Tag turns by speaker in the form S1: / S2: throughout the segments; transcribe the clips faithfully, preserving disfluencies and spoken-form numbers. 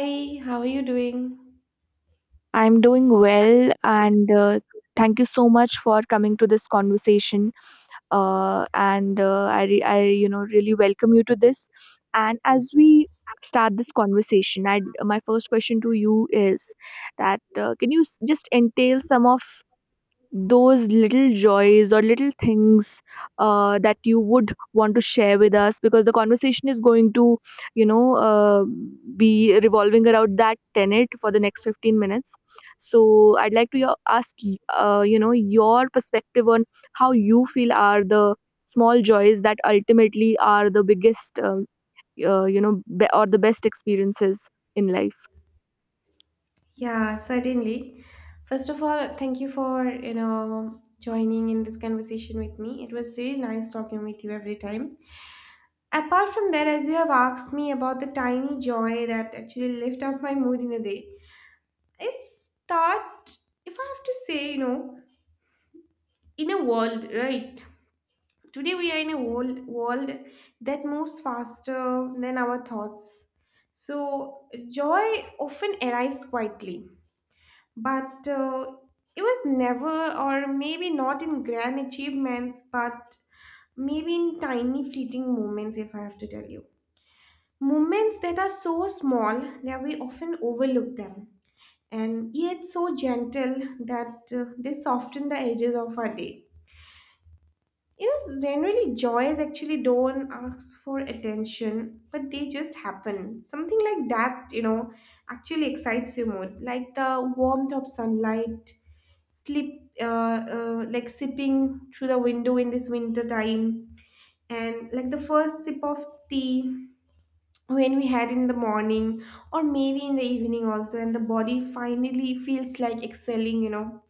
S1: Hi, how are you doing?
S2: I'm doing well, and uh, thank you so much for coming to this conversation. Uh, and uh, I, re- I, you know, really welcome you to this. And as we start this conversation, I, my first question to you is that uh, can you s- just entail some of those little joys or little things uh, that you would want to share with us because the conversation is going to you know uh, be revolving around that tenet for the next fifteen minutes, so I'd like to yo- ask y- uh, you know, your perspective on how you feel are the small joys that ultimately are the biggest um, uh, you know, be- or the best experiences in life.
S1: Yeah, certainly. First of all, thank you for, you know, joining in this conversation with me. It was really nice talking with you every time. Apart from that, as you have asked me about the tiny joy that actually lift up my mood in a day, it's start, if I have to say, you know, in a world, right? Today we are in a world, world that moves faster than our thoughts. So joy often arrives quietly, but uh, it was never, or maybe not in grand achievements, but maybe in tiny fleeting moments, if I have to tell you, moments that are so small that we often overlook them, and yet so gentle that uh, they soften the edges of our day. You know, generally, joys actually don't ask for attention, but they just happen. Something like that, you know, actually excites your mood, like the warmth of sunlight, sleep, uh, uh, like sipping through the window in this winter time, and like the first sip of tea when we had in the morning, or maybe in the evening also, and the body finally feels like excelling, you know.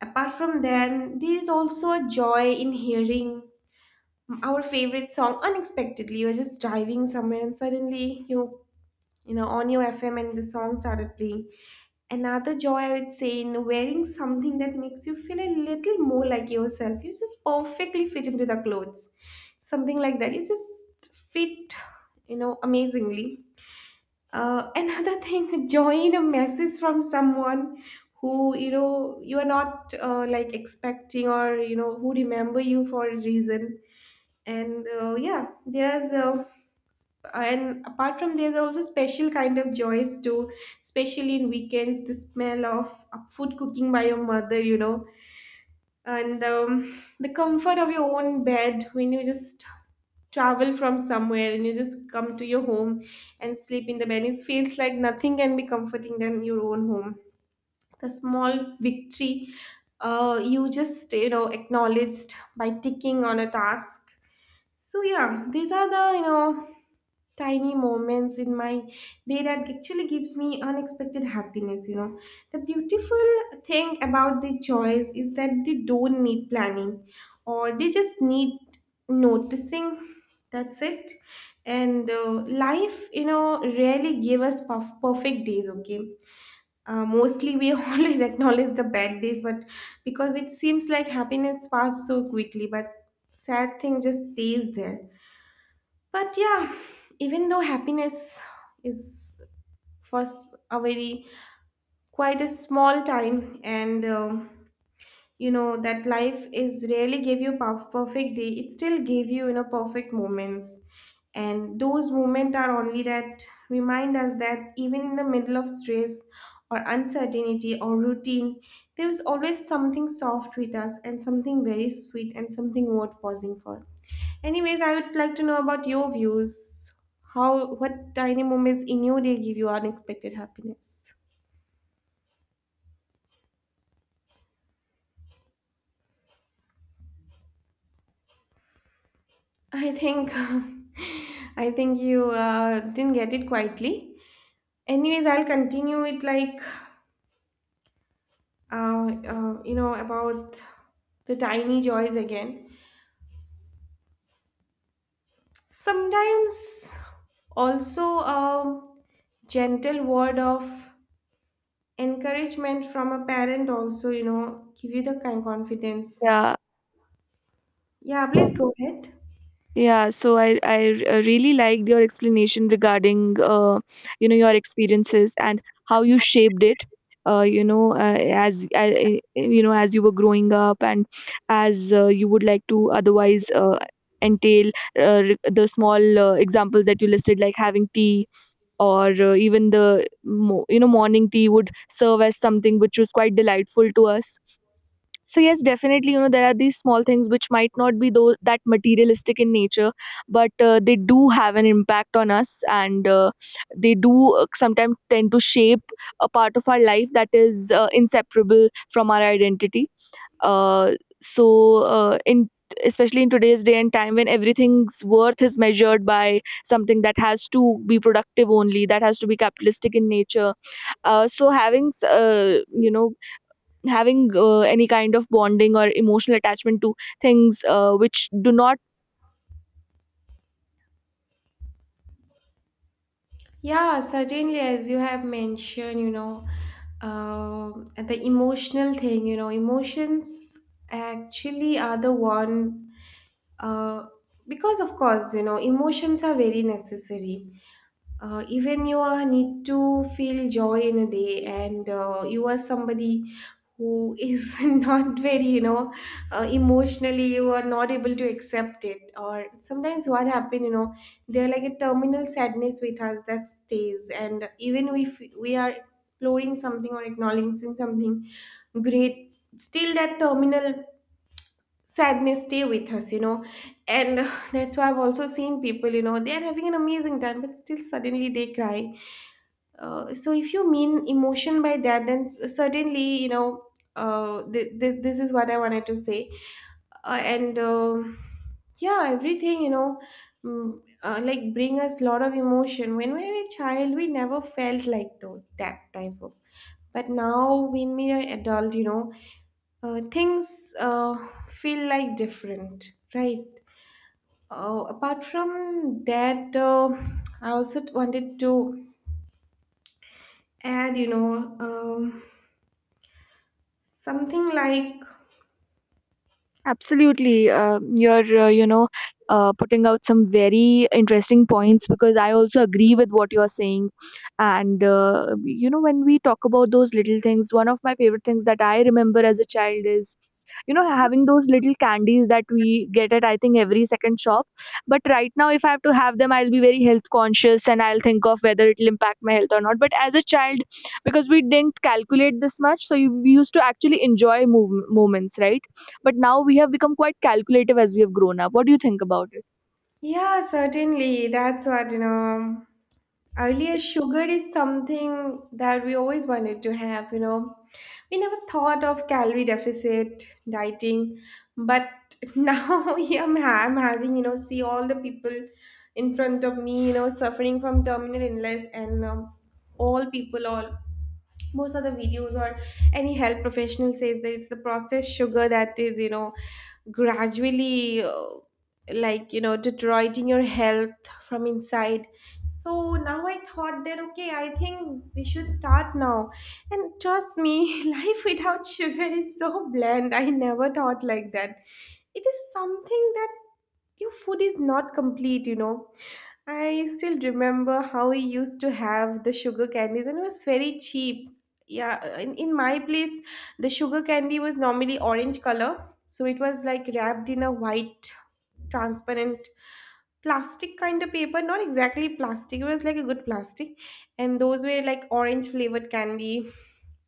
S1: Apart from that, there is also a joy in hearing our favorite song unexpectedly. You were just driving somewhere and suddenly you you know on your F M and the song started playing. Another joy I would say in wearing something that makes you feel a little more like yourself. You just perfectly fit into the clothes. Something like that. You just fit, you know, amazingly. Uh, another thing, joy in a message from someone who you know you are not uh, like expecting, or you know who remember you for a reason. And uh, yeah, there's uh, sp- and apart from there's also special kind of joys too, especially in weekends, the smell of uh, food cooking by your mother, you know. And um, the comfort of your own bed when you just travel from somewhere and you just come to your home and sleep in the bed, it feels like nothing can be comforting than your own home. The small victory uh, you just, you know, acknowledged by ticking on a task. So yeah, these are the, you know, tiny moments in my day that actually gives me unexpected happiness. You know, the beautiful thing about the joys is that they don't need planning, or they just need noticing. That's it. And uh, life, you know, rarely give us perf- perfect days. Okay, uh, mostly we always acknowledge the bad days, but because it seems like happiness passed so quickly, but sad thing just stays there. But yeah, even though happiness is for s- a very, quite a small time, and um you know that life is rarely gave you perf- perfect day, it still gave you, you know, perfect moments, and those moments are only that remind us that even in the middle of stress or uncertainty or routine, there is always something soft with us, and something very sweet, and something worth pausing for. Anyways, I would like to know about your views, how what tiny moments in your day give you unexpected happiness. I think I think you uh, didn't get it quietly. Anyways, I'll continue it like uh, uh, you know about the tiny joys again. Sometimes also a gentle word of encouragement from a parent also, you know, give you the kind confidence.
S2: Yeah,
S1: Yeah, please go ahead.
S2: Yeah, so I, I r- uh, really liked your explanation regarding uh, you know, your experiences and how you shaped it. Uh, you know, uh, as uh, uh, you know, as you were growing up, and as uh, you would like to otherwise uh, entail uh, re- the small uh, examples that you listed, like having tea or uh, even the mo- you know, morning tea would serve as something which was quite delightful to us. So yes, definitely, you know, there are these small things which might not be though that materialistic in nature, but uh, they do have an impact on us, and uh, they do uh, sometimes tend to shape a part of our life that is uh, inseparable from our identity. Uh, so uh, in especially in today's day and time when everything's worth is measured by something that has to be productive only, that has to be capitalistic in nature. uh, so having s- uh, you know, having uh, any kind of bonding or emotional attachment to things uh, which do not.
S1: Yeah, certainly, as you have mentioned, you know, um the emotional thing, you know, emotions actually are the one, uh, because of course, you know, emotions are very necessary. Uh, even you uh, need to feel joy in a day, and uh, you are somebody who is not very, you know, uh, emotionally you are not able to accept it. Or sometimes what happen, you know, they're like a terminal sadness with us that stays, and even if we are exploring something or acknowledging something great, still that terminal sadness stay with us, you know. And that's why I've also seen people, you know, they are having an amazing time but still suddenly they cry. Uh, so if you mean emotion by that, then s- certainly, you know, uh, th- th- this is what I wanted to say, uh, and um yeah, everything, you know, mm, uh, like bring us lot of emotion. When we were a child, we never felt like though that type of. But now, when we are adult, you know, uh, things uh, feel like different, right? Uh, apart from that, uh, I also wanted to, and you know, um, something like,
S2: Absolutely. Uh, you're, uh, you know, uh, putting out some very interesting points because I also agree with what you're saying. And, uh, you know, when we talk about those little things, one of my favorite things that I remember as a child is, you know, having those little candies that we get at, I think, every second shop. But right now, if I have to have them, I'll be very health conscious and I'll think of whether it'll impact my health or not. But as a child, because we didn't calculate this much, so you- we used to actually enjoy move- moments, right? But now we have become quite calculative as we have grown up. What do you think about it?
S1: yeah, certainly, that's what you know. Earlier, sugar is something that we always wanted to have, you know. We never thought of calorie deficit dieting, but now yeah, I'm, ha- I'm having, you know, see all the people in front of me, you know, suffering from terminal illness, and um, all people, all most of the videos or any health professional says that it's the processed sugar that is, you know, gradually uh, like, you know, deteriorating your health from inside. So now I thought that, okay, I think we should start now. And trust me, life without sugar is so bland, I never thought like that. It is something that your food is not complete, you know. I still remember how we used to have the sugar candies, and it was very cheap. Yeah, in, in my place, the sugar candy was normally orange color, so it was like wrapped in a white, transparent plastic kind of paper. Not exactly plastic, it was like a good plastic, and those were like orange flavored candy.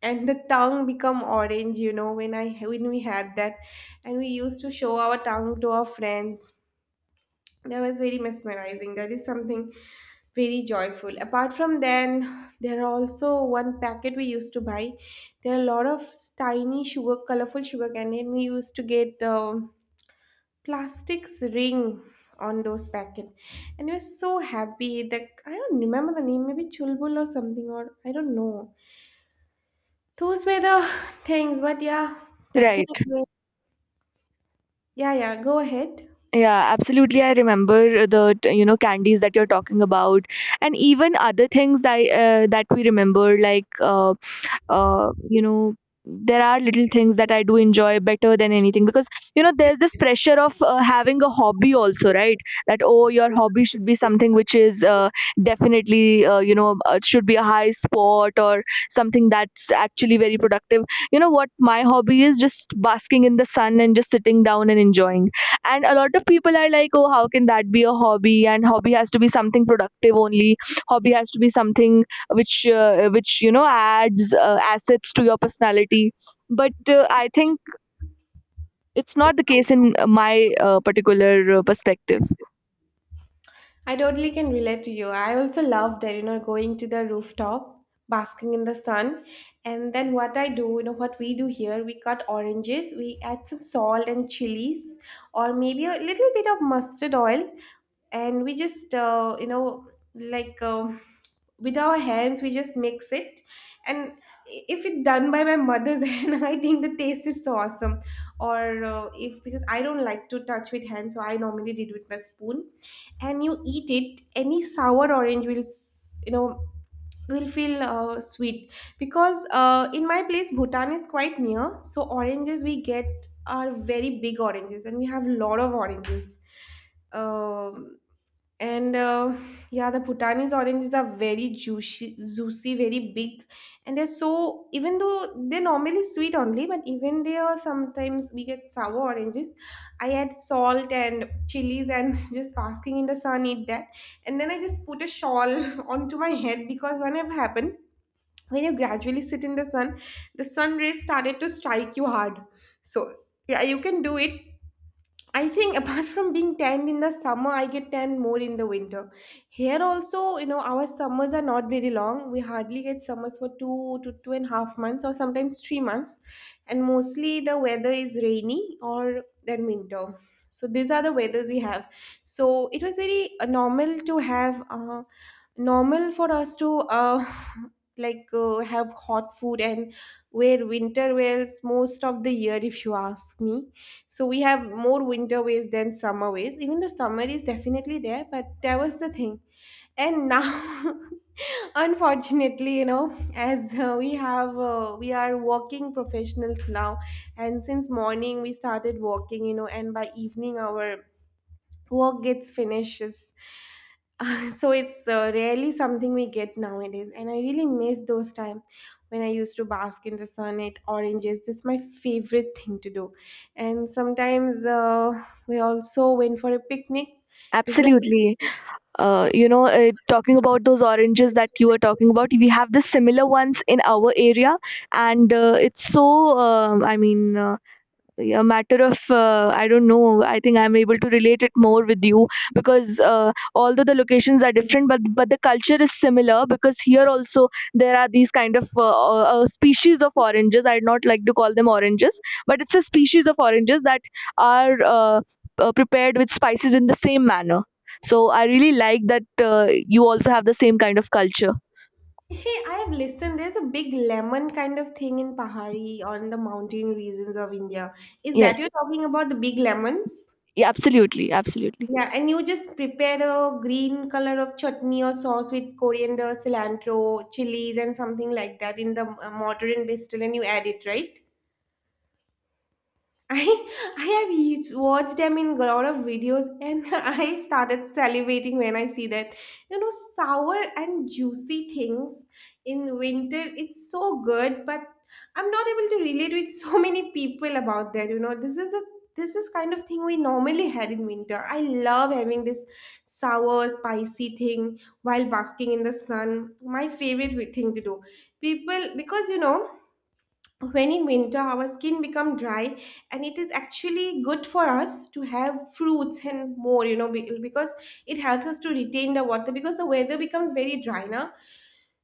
S1: And the tongue become orange, you know, when I when we had that, and we used to show our tongue to our friends. That was very mesmerizing. That is something very joyful. Apart from then, there are also one packet we used to buy. There are a lot of tiny sugar, colorful sugar candy, and we used to get um, plastics ring on those packet. And we were so happy that I don't remember the name, maybe chulbul or something, or I don't know. Those were the things, but yeah,
S2: Right.
S1: definitely. Yeah, yeah, go ahead.
S2: Yeah, absolutely. I remember the t- you know, candies that you're talking about, and even other things that uh, that we remember, like uh, uh, you know, there are little things that I do enjoy better than anything because you know there's this pressure of uh, having a hobby also, right? That oh, your hobby should be something which is uh, definitely uh, you know, uh, should be a high sport or something that's actually very productive. You know what my hobby is? Just basking in the sun and just sitting down and enjoying, and a lot of people are like, oh, how can that be a hobby, and hobby has to be something productive only, hobby has to be something which uh, which you know adds uh, assets to your personality, but uh, I think it's not the case in uh, my uh, particular uh, perspective.
S1: I totally can relate to you. I also love that, you know, going to the rooftop, basking in the sun. And then what I do, you know, what we do here, we cut oranges, we add some salt and chilies, or maybe a little bit of mustard oil. And we just, uh, you know, like um with our hands, we just mix it. And if it's done by my mother's hand, I think the taste is so awesome. Or uh, if, because I don't like to touch with hands, so I normally did with my spoon. And you eat it, any sour orange will s- you know will feel uh, sweet, because uh, in my place, Bhutan is quite near, so oranges we get are very big oranges, and we have lot of oranges. Um and uh, yeah, the Bhutanese oranges are very juicy, juicy, very big, and they're so, even though they're normally sweet only, but even they are, sometimes we get sour oranges. I add salt and chilies, and just basking in the sun, eat that. And then I just put a shawl onto my head, because whenever happened, when you gradually sit in the sun, the sun rays started to strike you hard. So yeah, you can do it. I think apart from being tanned in the summer, I get tanned more in the winter. Here also, you know, our summers are not very long. We hardly get summers for two to two and a half months, or sometimes three months. And mostly the weather is rainy or then winter. So these are the weathers we have. So it was very uh, normal to have, uh, normal for us to uh, like uh, have hot food and wear winter wears most of the year, if you ask me. So we have more winter ways than summer ways, even the summer is definitely there, but that was the thing. And now unfortunately, you know, as uh, we have uh, we are walking professionals now. And since morning we started walking, you know, and by evening our work gets finishes. So it's uh, rarely something we get nowadays, and I really miss those time when I used to bask in the sun at oranges. This is my favorite thing to do. And sometimes uh, we also went for a picnic. This is
S2: Absolutely. Uh, you know, uh, talking about those oranges that you were talking about, we have the similar ones in our area, and uh, it's so. um I mean, uh, a matter of uh, I don't know, I think I'm able to relate it more with you because uh, although the locations are different, but but the culture is similar because here also there are these kind of uh, uh, species of oranges, I'd not like to call them oranges, but it's a species of oranges that are uh, uh, prepared with spices in the same manner. So I really like that uh, you also have the same kind of culture.
S1: hey, I have listened there's a big lemon kind of thing in pahari, on the mountain regions of India. Is that
S2: Yes.
S1: you're talking about, the big lemons?
S2: Yeah, absolutely, absolutely.
S1: Yeah, and you just prepare a green color of chutney or sauce with coriander, cilantro, chilies, and something like that in the uh, mortar and pestle, and you add it, right? I I have used, watched them in a lot of videos, and I started salivating when I see that. You know, sour and juicy things in winter, it's so good, but I'm not able to relate with so many people about that. You know, this is a, this is kind of thing we normally had in winter. I love having this sour, spicy thing while basking in the sun. My favorite thing to do. People, because you know, when in winter our skin become dry, and it is actually good for us to have fruits and more, you know, be- because it helps us to retain the water, because the weather becomes very dry now.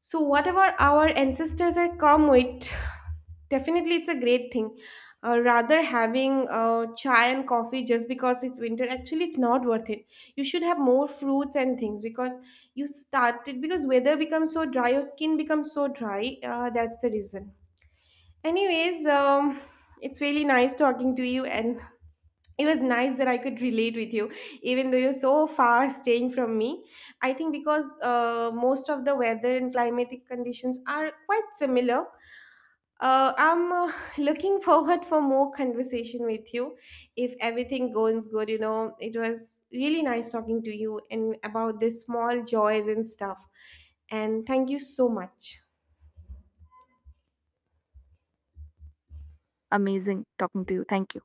S1: So whatever our ancestors have come with, definitely it's a great thing. uh, rather having uh, chai and coffee just because it's winter, actually it's not worth it. You should have more fruits and things because you started, because weather becomes so dry, your skin becomes so dry, uh, that's the reason. Anyways, um, it's really nice talking to you, and it was nice that I could relate with you, even though you're so far staying from me. I think because uh, most of the weather and climatic conditions are quite similar. Uh, I'm uh, looking forward for more conversation with you. If everything goes good, you know, it was really nice talking to you and about these small joys and stuff. And thank you so much.
S2: Amazing talking to you. Thank you.